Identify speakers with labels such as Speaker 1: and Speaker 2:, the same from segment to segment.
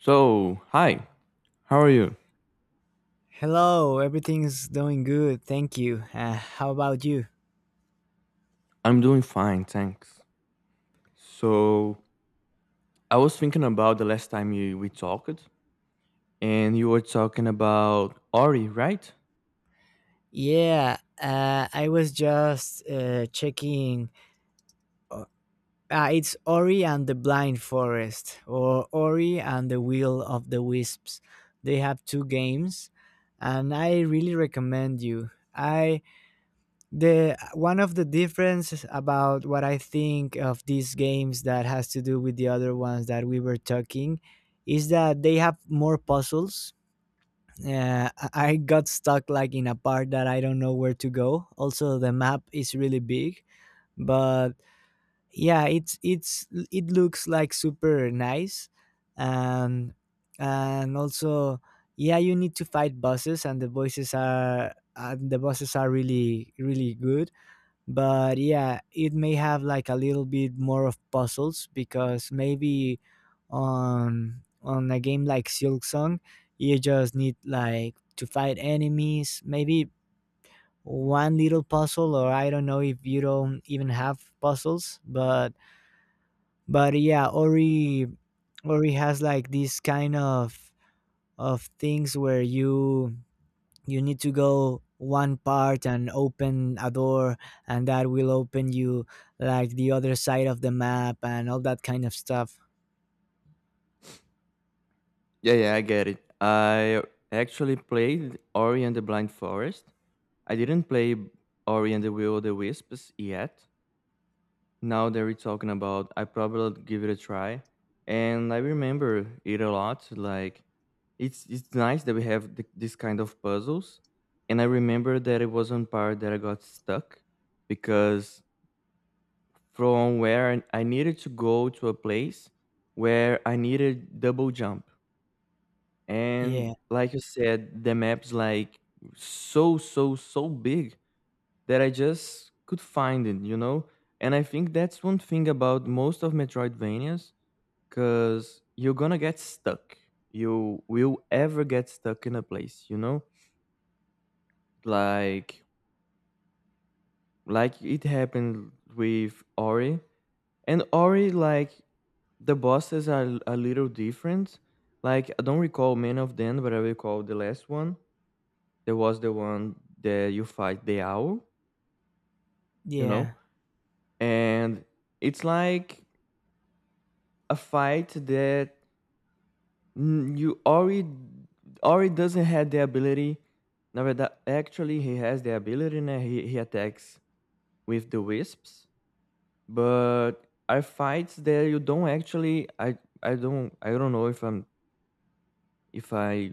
Speaker 1: So, hi, how are you?
Speaker 2: Hello, everything's doing good, thank you. How about you?
Speaker 1: I'm doing fine, thanks. So, I was thinking about the last time we talked, and you were talking about Ori, right?
Speaker 2: Yeah, I was just checking. Uh, it's Ori and the Blind Forest, or Ori and the Will of the Wisps. They have two games, and I really recommend you. I The one of the differences about what I think of these games that has to do with the other ones that we were talking is that they have more puzzles. Yeah, I got stuck like in a part that I don't know where to go. Also, the map is really big, but yeah, it's it looks like super nice, and and also yeah, you need to fight bosses, and the voices are and the bosses are really really good, but yeah it may have like a little bit more of puzzles because maybe on a game like Silk Song you just need like to fight enemies, maybe one little puzzle, or I don't know if you don't even have puzzles, but yeah Ori has like this kind of things where you need to go one part and open a door, and that will open you like the other side of the map and all that kind of stuff.
Speaker 1: Yeah, yeah, I get it. I actually played Ori and the Blind Forest. I didn't play Ori and the Will of the Wisps yet. Now that we're talking about, I probably give it a try, and I remember it a lot. Like, it's nice that we have this kind of puzzles, and I remember that it was one part that I got stuck because from where I needed to go to a place where I needed double jump,
Speaker 2: Yeah.
Speaker 1: and like you said, the map's like so big that I just could find it, you know? And I think that's one thing about most of Metroidvanias, because you're gonna get stuck. You will ever get stuck in a place, you know? Like it happened with Ori. And Ori, like the bosses are a little different. Like I don't recall many of them, but I recall the last one. There was the one that you fight the owl, you know?
Speaker 2: Yeah.
Speaker 1: And it's like a fight that you already doesn't have the ability. Never that actually he has the ability and he attacks with the wisps. But are fights that you don't actually I don't know if I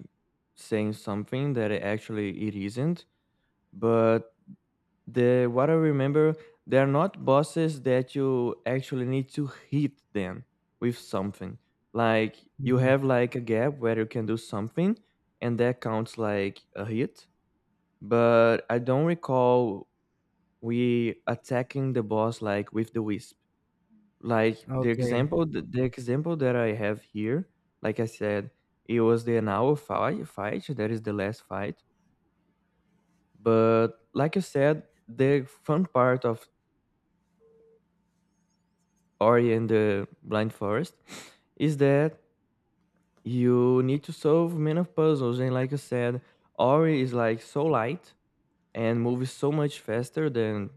Speaker 1: saying something that it actually it isn't, but the what I remember, they are not bosses that you actually need to hit them with something. Like you
Speaker 2: Mm,
Speaker 1: have like a gap where you can do something, and that counts like a hit. But I don't recall we attacking the boss like with the wisp. Like the
Speaker 2: okay.
Speaker 1: example, the example that I have here, like I said, it was the Anao fight. Fight that is the last fight. But like I said, the fun part of Ori and the Blind Forest is that you need to solve many of puzzles, and like you said, Ori is like so light and moves so much faster than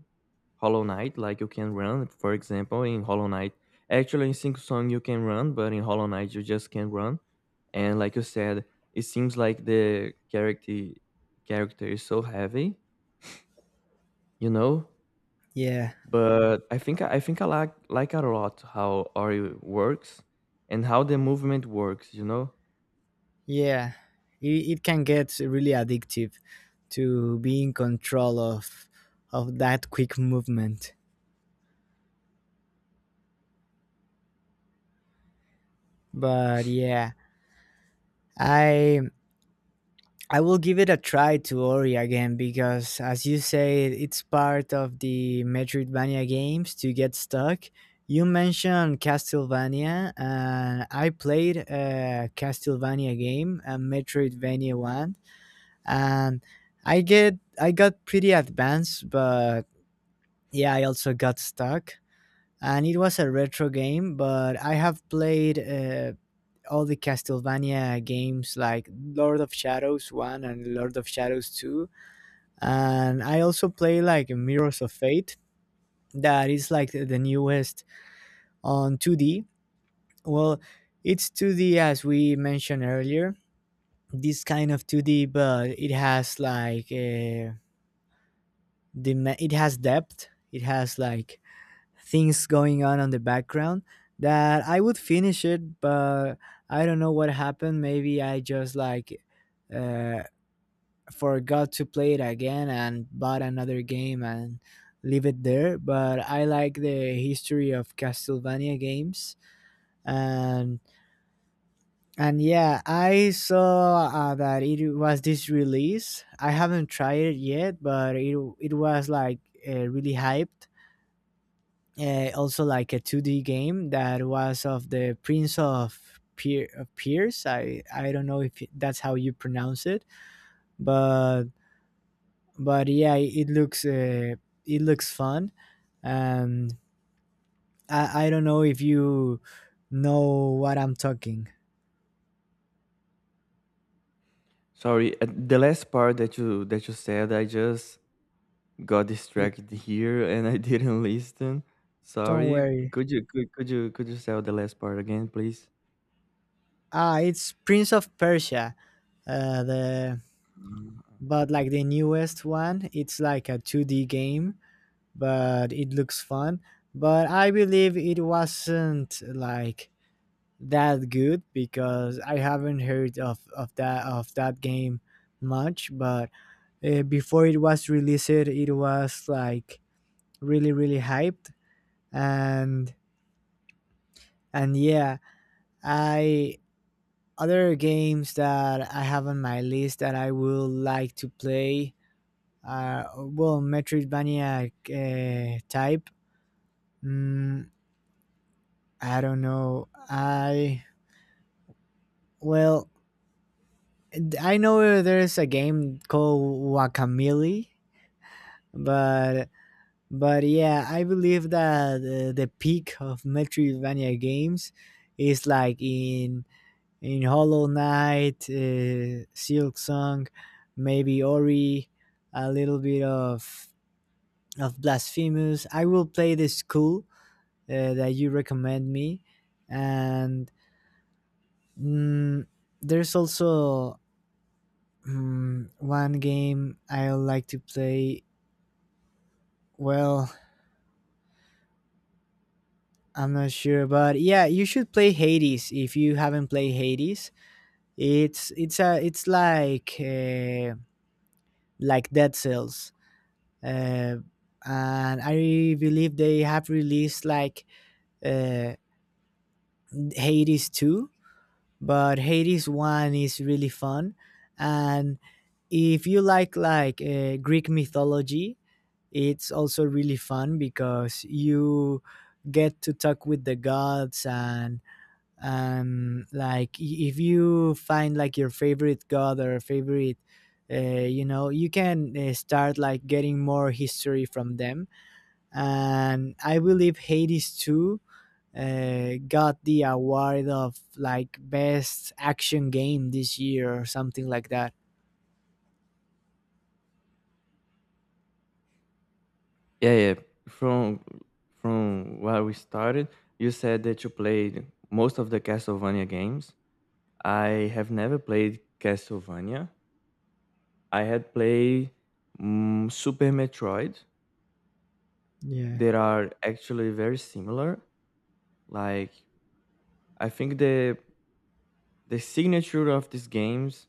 Speaker 1: Hollow Knight. Like you can run, for example, in Hollow Knight. Actually, in Sing Song you can run, but in Hollow Knight you just can't run. And like you said, it seems like the character is so heavy, you know,
Speaker 2: Yeah,
Speaker 1: but I think I like a lot how Ori works and how the movement works.
Speaker 2: yeah, it can get really addictive to be in control of that quick movement, but yeah i I will give it a try to Ori again because, as you say, it's part of the Metroidvania games to get stuck. You mentioned Castlevania, and I played a Castlevania game, a Metroidvania one, and I got pretty advanced, but yeah, I also got stuck. And it was a retro game, but I have played all the Castlevania games like Lord of Shadows 1 and Lord of Shadows 2, and I also play like Mirrors of Fate. That is like the newest on 2D. Well, it's 2D as we mentioned earlier. This kind of 2D, but it has like it has depth. It has like things going on the background that I would finish it, but I don't know what happened. Maybe I just like uh, forgot to play it again and bought another game and leave it there. But I like the history of Castlevania games, and and yeah, I saw that it was this release. I haven't tried it yet, but it was like really hyped. Also, like a two D game that was of the of Pierce. I don't know if that's how you pronounce it, but but yeah, it looks fun, and I don't know if you know what I'm talking.
Speaker 1: Sorry, the last part that you said, I just got
Speaker 2: You,
Speaker 1: distracted here and I didn't listen.
Speaker 2: don't
Speaker 1: Sorry,
Speaker 2: worry.
Speaker 1: could you say the last part again, please?
Speaker 2: Ah, it's Prince of Persia. The
Speaker 1: Mm.
Speaker 2: But like the newest one, it's like a 2D game, but it looks fun. But I believe it wasn't like that good because I haven't heard of, of that game much. But before it was released it was like really really hyped, and and yeah I other games that I have on my list that I would like to play are well, Metroidvania type, mm, I don't know, I well, I know there's a game called Wakamili, but But yeah, I believe that the peak of Metroidvania games is like in Hollow Knight, Silk Song, maybe Ori, a little bit of Blasphemous. I will play this cool that you recommend me, and mm, there's also one game I like to play. Well, I'm not sure, but yeah, you should play Hades if you haven't played Hades. It's like Dead Cells, uh, and I believe they have released like uh, Hades two, but Hades one is really fun, and if you like Greek mythology, it's also really fun because you get to talk with the gods, and like if you find like your favorite god or favorite uh, you know you can start like getting more history from them, and I believe Hades 2 got the award of like best action game this year or something like that.
Speaker 1: Yeah, yeah. From from where we started, you said that you played most of the Castlevania games. I have never played Castlevania. I had played Super Metroid.
Speaker 2: Yeah,
Speaker 1: They are actually very similar. Like I think the signature of these games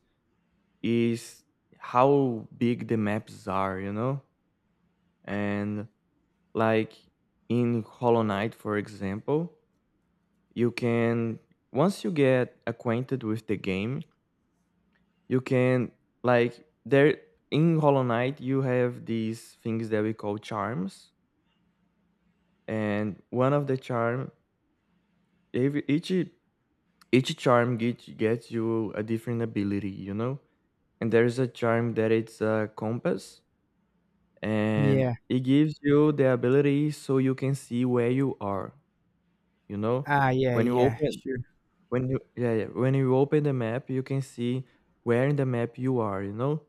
Speaker 1: is how big the maps are, you know? And like in Hollow Knight, for example, you can, once you get acquainted with the game, you can, like, there in Hollow Knight you have these things that we call charms, and one of the charm Ev- each charm gets you a different ability, you know. And there is a charm that it's a compass, and
Speaker 2: yeah.
Speaker 1: it gives you the ability so you can see where you are, you know.
Speaker 2: Ah, yeah,
Speaker 1: When you
Speaker 2: yeah,
Speaker 1: open
Speaker 2: sure.
Speaker 1: when you Yeah, yeah, when you open the map you can see where in the map you are, you know.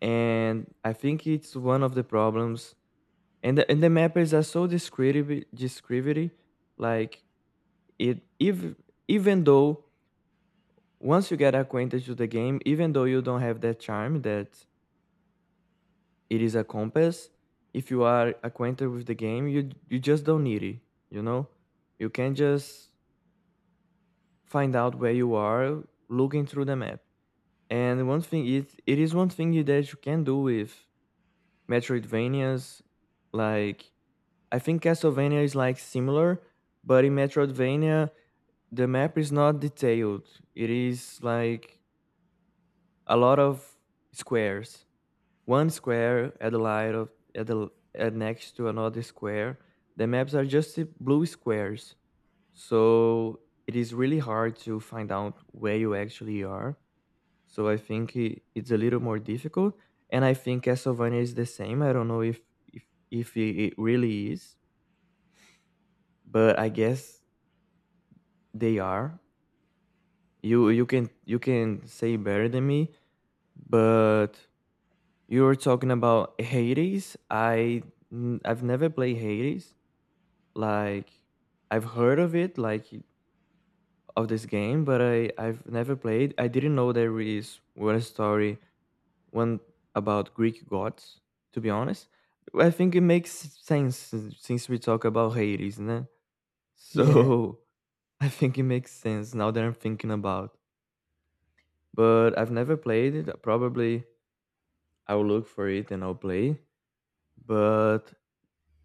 Speaker 1: And I think it's one of the problems, and the mappers are so descriptive. Like it if even though, once you get acquainted to the game, even though you don't have that charm that it is a compass, if you are acquainted with the game, you just don't need it. You know, you can just find out where you are looking through the map. And it is one thing that you can do with Metroidvanias. Like I think Castlevania is like similar, but in Metroidvania, the map is not detailed. It is like a lot of squares, one square at the light of at the at next to another square. The maps are just blue squares, so it is really hard to find out where you actually are. So I think it's a little more difficult, and I think Castlevania is the same. I don't know if if it really is, but I guess they are. You can say better than me, but you were talking about Hades. I've never played Hades. Like, I've heard of it, like of this game, but I've never played. I didn't know there is one about Greek gods. To be honest, I think it makes sense, since we talk about Hades, né?
Speaker 2: Yeah,
Speaker 1: So I think it makes sense now that I'm thinking about. But I've never played it. Probably I'll look for it and I'll play. But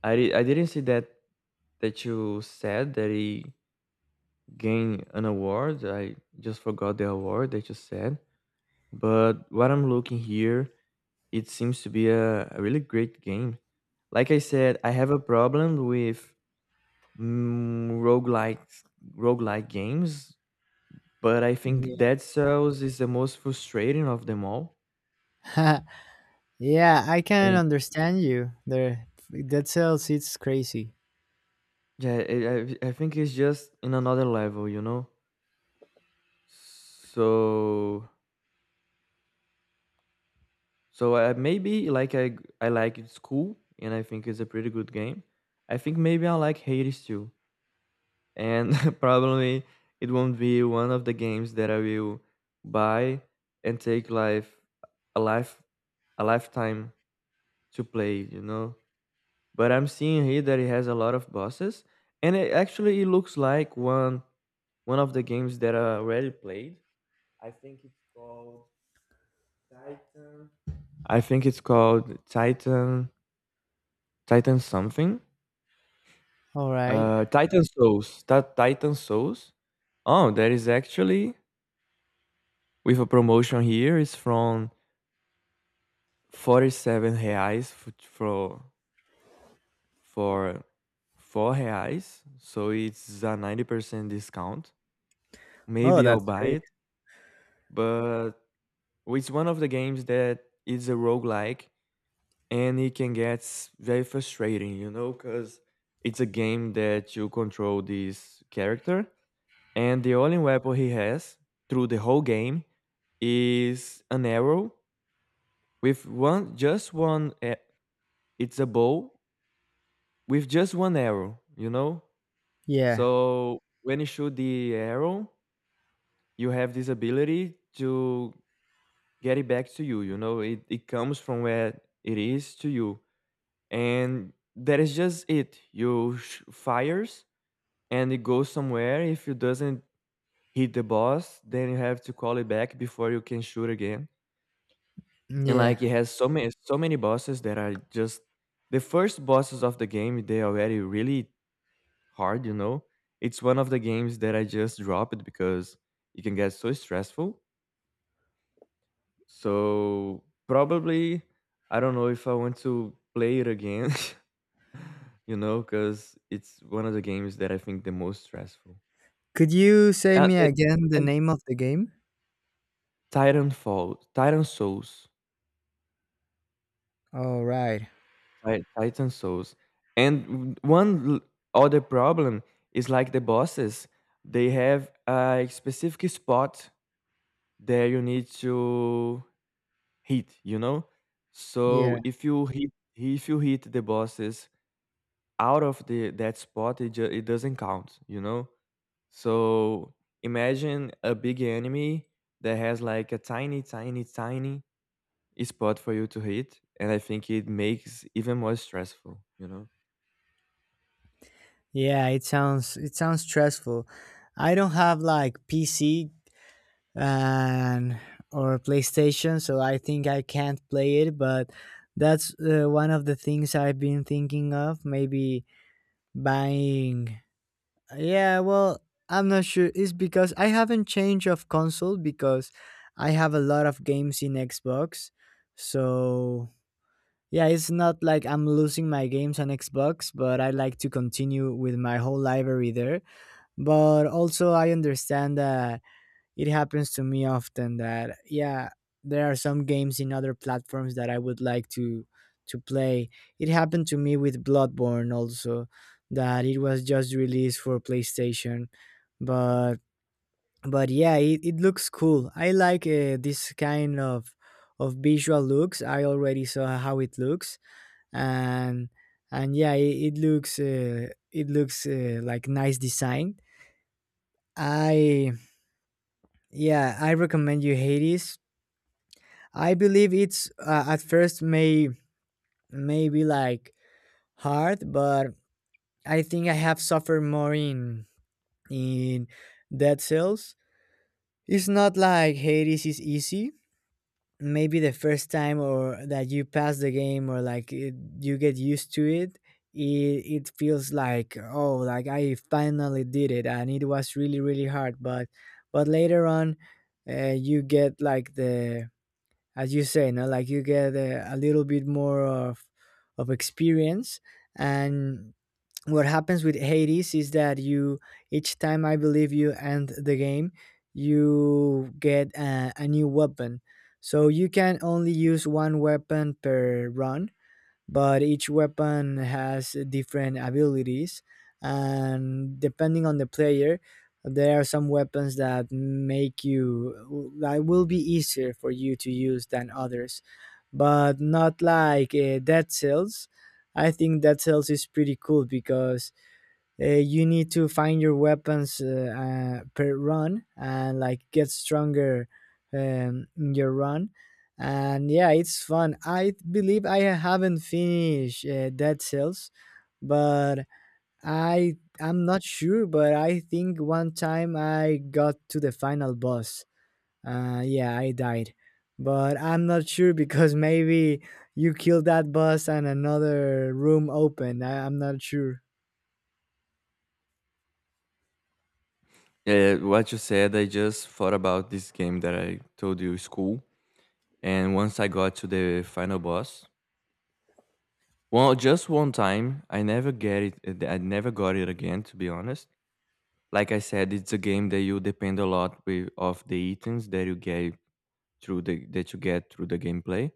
Speaker 1: I didn't see that you said that he gain an award. I just forgot the award that you said. But what I'm looking here, it seems to be a really great game. Like I said, I have a problem with mm, roguelike roguelike games, but I think
Speaker 2: yeah.
Speaker 1: Dead Cells is the most frustrating of them all.
Speaker 2: Yeah, I can
Speaker 1: And
Speaker 2: understand you there. That sells it's crazy.
Speaker 1: yeah, I think it's just in another level, you know? So, maybe like I like, it's cool and I think it's a pretty good game. I think maybe I like Hades too, and probably it won't be one of the games that I will buy and take life a life a lifetime to play. You know, but I'm seeing here that it has a lot of bosses, and it actually it looks like one of the games that I already played. I think it's called Titan. I think it's called Titan something?
Speaker 2: All right.
Speaker 1: Titan Souls. That Titan Souls. Oh, that is actually with a promotion here. It's from 47 reais for 4 reais. So it's a 90% discount.
Speaker 2: Oh,
Speaker 1: Maybe I'll
Speaker 2: that's
Speaker 1: buy
Speaker 2: great.
Speaker 1: it, but it's one of the games that is a roguelike and it can get very frustrating, you know, because it's a game that you control this character. And the only weapon he has through the whole game is an arrow with one, just one, it's a bow with just one arrow, you know?
Speaker 2: Yeah,
Speaker 1: So when you shoot the arrow, you have this ability to get it back to you, you know? It comes from where it is to you. And that is just it. You fires and it goes somewhere. If it doesn't hit the boss, then you have to call it back before you can shoot again. And
Speaker 2: yeah.
Speaker 1: like it has so many bosses that are just, the first bosses of the game, they're already really hard, you know. It's one of the games that I just drop it because it can get so stressful. So probably I don't know if I want to play it again, you know, because it's one of the games that I think the most stressful.
Speaker 2: Could you say
Speaker 1: And,
Speaker 2: me
Speaker 1: it,
Speaker 2: again the
Speaker 1: and
Speaker 2: name of the game?
Speaker 1: Titan Souls.
Speaker 2: Oh, right.
Speaker 1: Titan Souls. And other problem is like the bosses, they have a specific spot that you need to hit, you know?
Speaker 2: Yeah.
Speaker 1: So if you hit the bosses out of the that spot, it it doesn't count, you know? So imagine a big enemy that has like a tiny, tiny, tiny spot for you to hit, and I think it makes even more stressful, you know?
Speaker 2: Yeah, it sounds stressful. I don't have like PC and or PlayStation, so I think I can't play it, but that's one of the things I've been thinking of, maybe buying. Yeah, well, I'm not sure. It's because I haven't changed of console because I have a lot of games in Xbox. So yeah, it's not like I'm losing my games on Xbox, but I like to continue with my whole library there. But also, I understand that it happens to me often that, yeah, there are some games in other platforms that I would like to play. It happened to me with Bloodborne also that it was just released for PlayStation, but but yeah, it looks cool. I like this kind of visual looks. I already saw how it looks, and and yeah it looks like nice design. I Yeah, I recommend you Hades. I believe it's at first may be like hard, but I think I have suffered more in Dead Cells. It's not like Hades is easy. Maybe the first time or that you pass the game or like it, you get used to it, it it feels like oh like I finally did it and it was really really hard, but later on you get like the, as you say no like you get a little bit more of experience, and what happens with Hades is that you each time I believe you end the game, you get a new weapon. So you can only use one weapon per run, but each weapon has different abilities, and depending on the player there are some weapons that make you that will be easier for you to use than others, but not like Dead Cells. I think Dead Cells is pretty cool because you need to find your weapons per run and like get stronger in your run, and yeah it's fun. I believe I haven't finished Dead Cells, but I'm not sure, but I think one time I got to the final boss. Yeah, I died, but I'm not sure because maybe you killed that boss and another room opened. I'm not sure.
Speaker 1: Yeah, yeah, what you said, I just thought about this game that I told you, school. And once I got to the final boss, well, just one time, I never get it. I never got it again, to be honest. Like I said, it's a game that you depend a lot with, of the items that you get through the gameplay.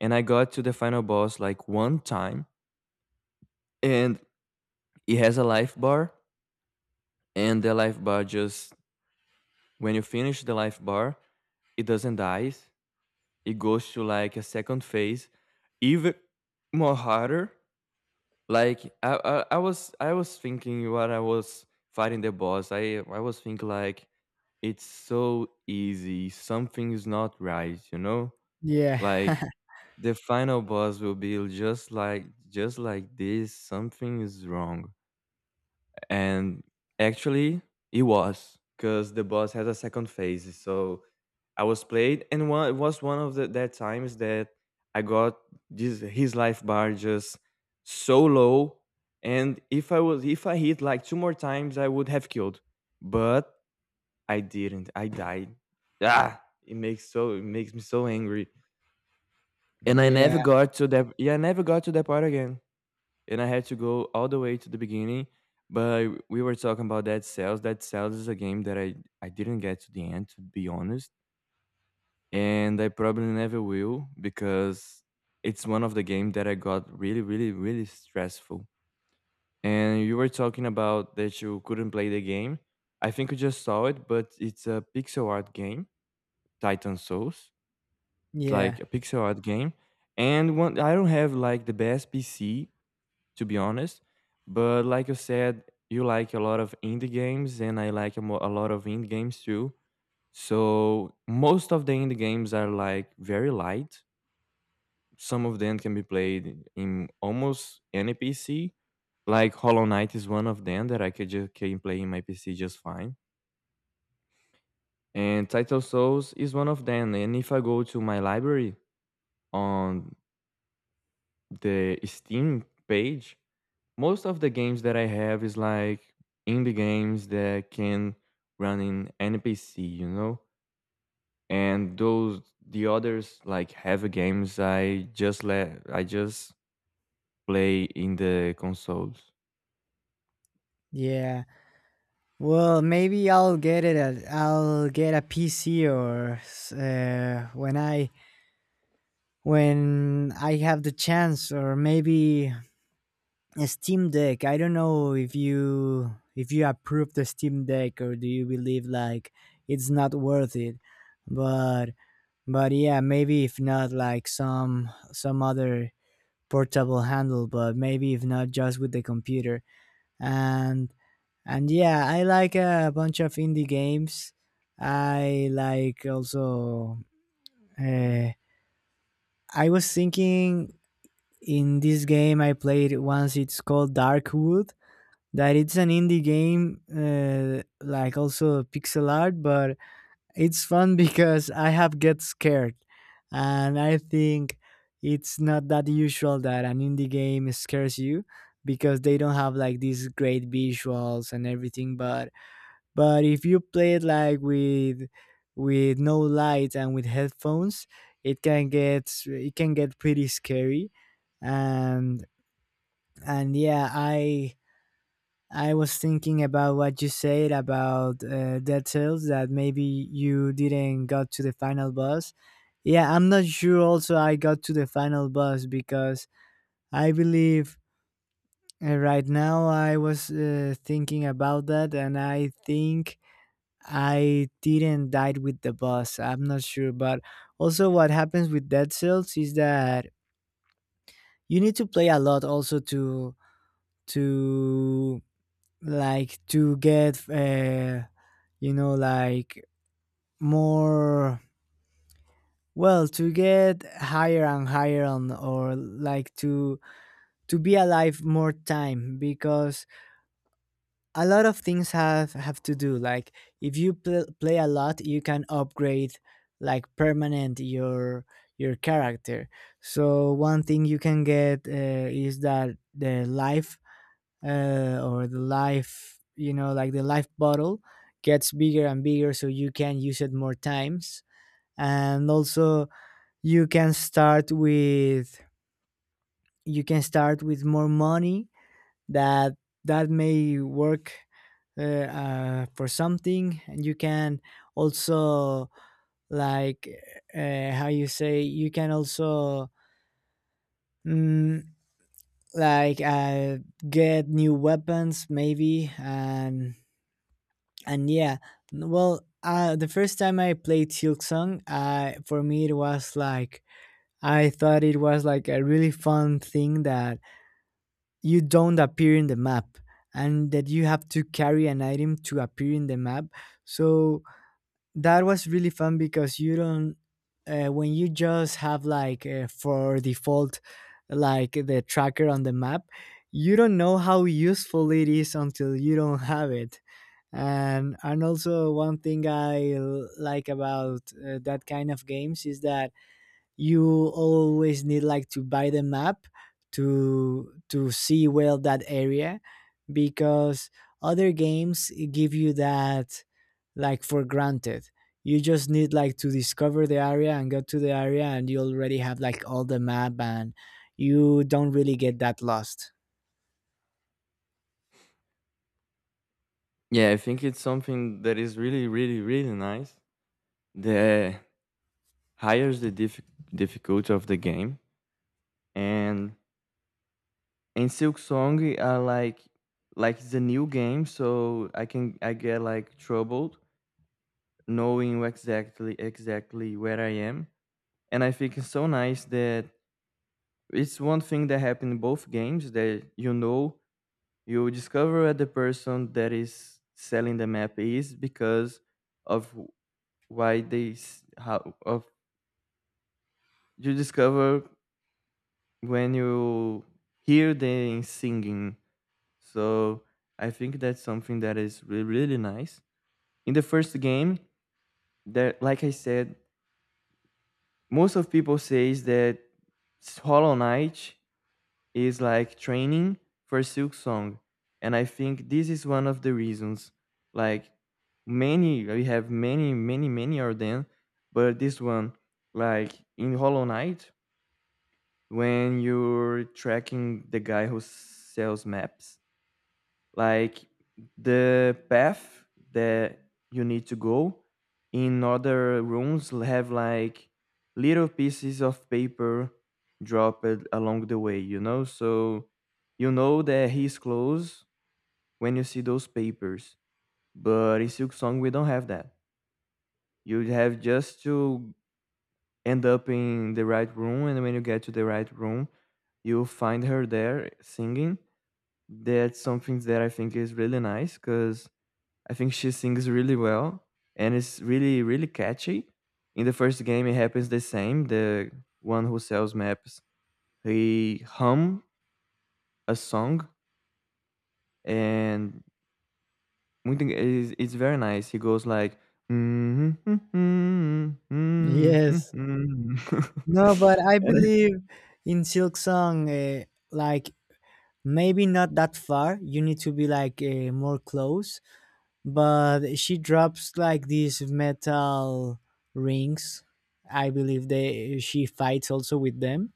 Speaker 1: And I got to the final boss like one time, and it has a life bar, and the life bar just, when you finish the life bar, it doesn't die, it goes to like a second phase, even more harder. Like I was thinking when I was fighting the boss, I was thinking like it's so easy. Something is not right, you know?
Speaker 2: Yeah.
Speaker 1: Like the final boss will be just like this, something is wrong. And actually it was because the boss has a second phase. So I was played, and one it was one of the that times that I got this his life bar just so low, and if I was if I hit like two more times, I would have killed, but I didn't. I died. Ah, it makes me so angry, and I never
Speaker 2: Yeah,
Speaker 1: got to that. Yeah, I never got to that part again, and I had to go all the way to the beginning. But we were talking about Dead Cells. Dead Cells is a game that I didn't get to the end, to be honest, and I probably never will because it's one of the games that I got really, really, really stressful. And you were talking about that you couldn't play the game. I think you just saw it, but it's a pixel art game, Titan Souls. It's
Speaker 2: yeah,
Speaker 1: like a pixel art game, and one I don't have like the best PC, to be honest, but like you said, you like a lot of indie games, and I like a lot of indie games too. So most of the indie games are like very light. Some of them can be played in almost any PC. Like Hollow Knight is one of them that I could just can play in my PC just fine. And Title Souls is one of them. And if I go to my library on the Steam page, most of the games that I have is like indie games that can run in any PC, you know? And those, the others like heavy games, I just let I just play in the consoles.
Speaker 2: yeah. Well, maybe I'll get it. I'll get a PC or when I have the chance, or maybe a Steam Deck. I don't know if you approve the Steam Deck or do you believe like it's not worth it. But but yeah, maybe if not like some other portable handle, but maybe if not just with the computer, and and yeah I like a bunch of indie games. I like also uh, I was thinking in this game I played once. It's called Darkwood. That it's an indie game, like also pixel art, but it's fun because I have get scared, and I think it's not that usual that an indie game scares you because they don't have like these great visuals and everything, but if you play it like with no lights and with headphones, it can get pretty scary. And and yeah, I was thinking about what you said about Dead Cells, that maybe you didn't got to the final boss. Yeah, I'm not sure. Also, I got to the final boss because I believe right now I was thinking about that, and I think I didn't die with the boss. I'm not sure, but also what happens with Dead Cells is that you need to play a lot also to like to get you know like more well to get higher and higher on or like to be alive more time, because a lot of things have to do like if you play a lot you can upgrade like permanent your character. So one thing you can get is that the life or the life, you know like the life bottle, gets bigger and bigger so you can use it more times. And also you can start with you can start with more money that that may work for something, and you can also, like how you say you can also mm, like uh, get new weapons maybe. And yeah, well the first time I played Silksong, for me it was like I thought it was like a really fun thing that you don't appear in the map and that you have to carry an item to appear in the map. So that was really fun because you don't, when you just have like for default, like the tracker on the map, you don't know how useful it is until you don't have it. And also one thing like about that kind of games is that you always need like to buy the map to see well that area, because other games give you that like for granted. You just need like to discover the area and go to the area, and you already have like all the map, and you don't really get that lost.
Speaker 1: Yeah, I think it's something that is really, really, really nice. The higher the difficulty of the game, and in Silk Song are like it's a new game, so I get like troubled knowing exactly where I am, and I think it's so nice that it's one thing that happened in both games that, you know, you discover that the person that is selling the map is because of why they s- how of you discover when you hear them singing. So I think that's something that is really, really nice. In the first game, that like I said, most of people says that Hollow Knight is like training for Silk Song, and I think this is one of the reasons. Like many, we have many, many, many Arden, but this one, like in Hollow Knight, when you're tracking the guy who sells maps. Like the path that you need to go in other rooms have like little pieces of paper dropped along the way, you know? So you know that he's close when you see those papers. But in Silk Song, we don't have that. You have just to end up in the right room, and when you get to the right room, you find her there singing. That's something that I think is really nice because I think she sings really well, and it's really, really catchy. In the first game it happens the same. The one who sells maps, he hum a song, and it's very nice. He goes like and
Speaker 2: Yes. No, but I believe in Silk Song, like maybe not that far. You need to be like more close, but she drops like these metal rings. I believe they she fights also with them.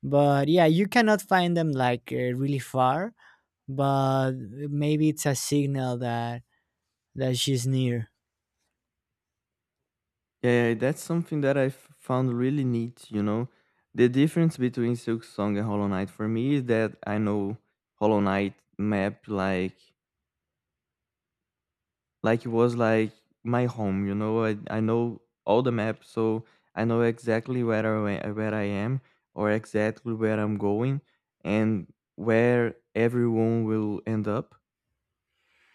Speaker 2: But yeah, you cannot find them like really far, but maybe it's a signal that that she's near.
Speaker 1: Yeah, yeah, that's something that I found really neat, you know. The difference between Silk Song and Hollow Knight for me is that I know Hollow Knight map like it was like my home, you know. I know all the maps, so I know exactly where I where I am, or exactly where I'm going and where everyone will end up.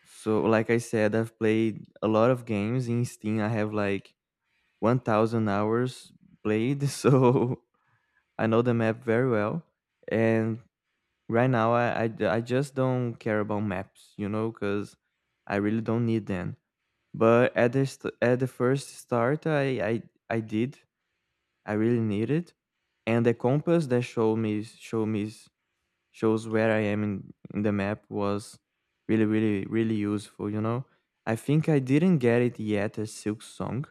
Speaker 1: So like I said, I've played a lot of games in Steam. I have like 1,000 hours played, so I know the map very well, and right now I just don't care about maps, you know, because I really don't need them. But at the at the first start, I did. I really needed, and the compass that showed me show me shows where I am in the map was really, really, really useful. You know, I think I didn't get it yet as Silk Song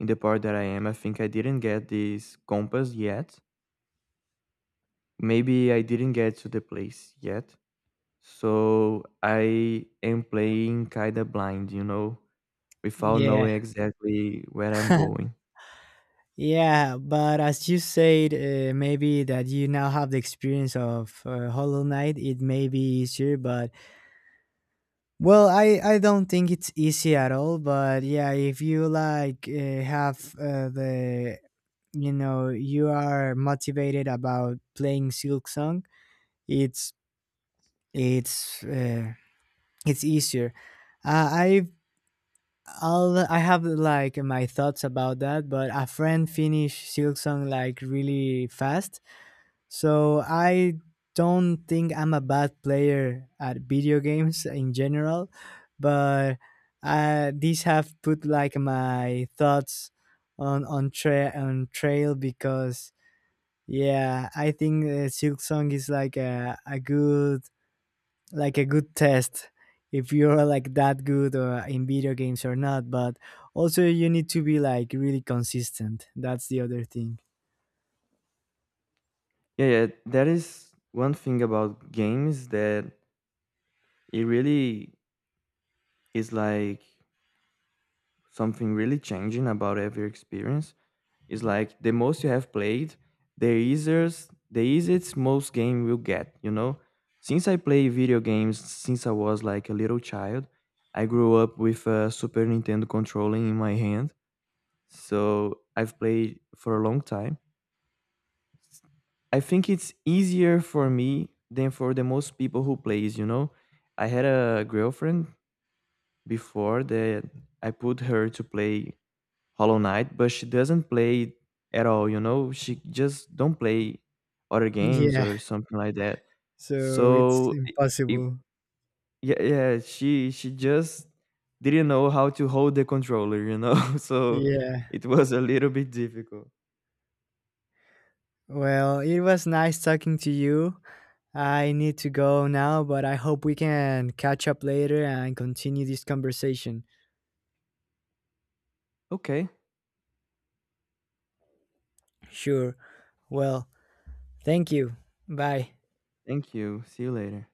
Speaker 1: in the part that I am. I think I didn't get this compass yet. Maybe I didn't get to the place yet, so I am playing kinda blind, you know, without
Speaker 2: Yeah,
Speaker 1: knowing exactly where I'm going.
Speaker 2: yeah, but as you said, maybe that you now have the experience of Hollow Knight, it may be easier, but well, I don't think it's easy at all, but yeah, if you like have the you know you are motivated about playing Silk Song, it's it's uh, it's easier. Uh, I I have like my thoughts about that, but a friend finished Silk Song like really fast. So I don't think I'm a bad player at video games in general, but these have put like my thoughts on trail because yeah, I think Silk Song is like a good test if you're like that good or in video games or not. But also you need to be like really consistent. That's the other thing.
Speaker 1: Yeah, yeah, that is one thing about games that it really is like something really changing about every experience. It's like the most you have played, the easiest most game will get. You know, since I play video games since I was like a little child, I grew up with a Super Nintendo controller in my hand, so I've played for a long time. I think it's easier for me than for the most people who plays, you know. I had a girlfriend before that I put her to play Hollow Knight, but she doesn't play it at all, you know? She just don't play other games
Speaker 2: Yeah.
Speaker 1: or something like that.
Speaker 2: So it's
Speaker 1: So I- if
Speaker 2: impossible.
Speaker 1: yeah, yeah, she just didn't know how to hold the controller, you know? So
Speaker 2: Yeah.
Speaker 1: it was a little bit difficult.
Speaker 2: Well, it was nice talking to you. I need to go now, but I hope we can catch up later and continue this conversation.
Speaker 1: Okay.
Speaker 2: Sure. Well, thank you. Bye.
Speaker 1: Thank you. See you later.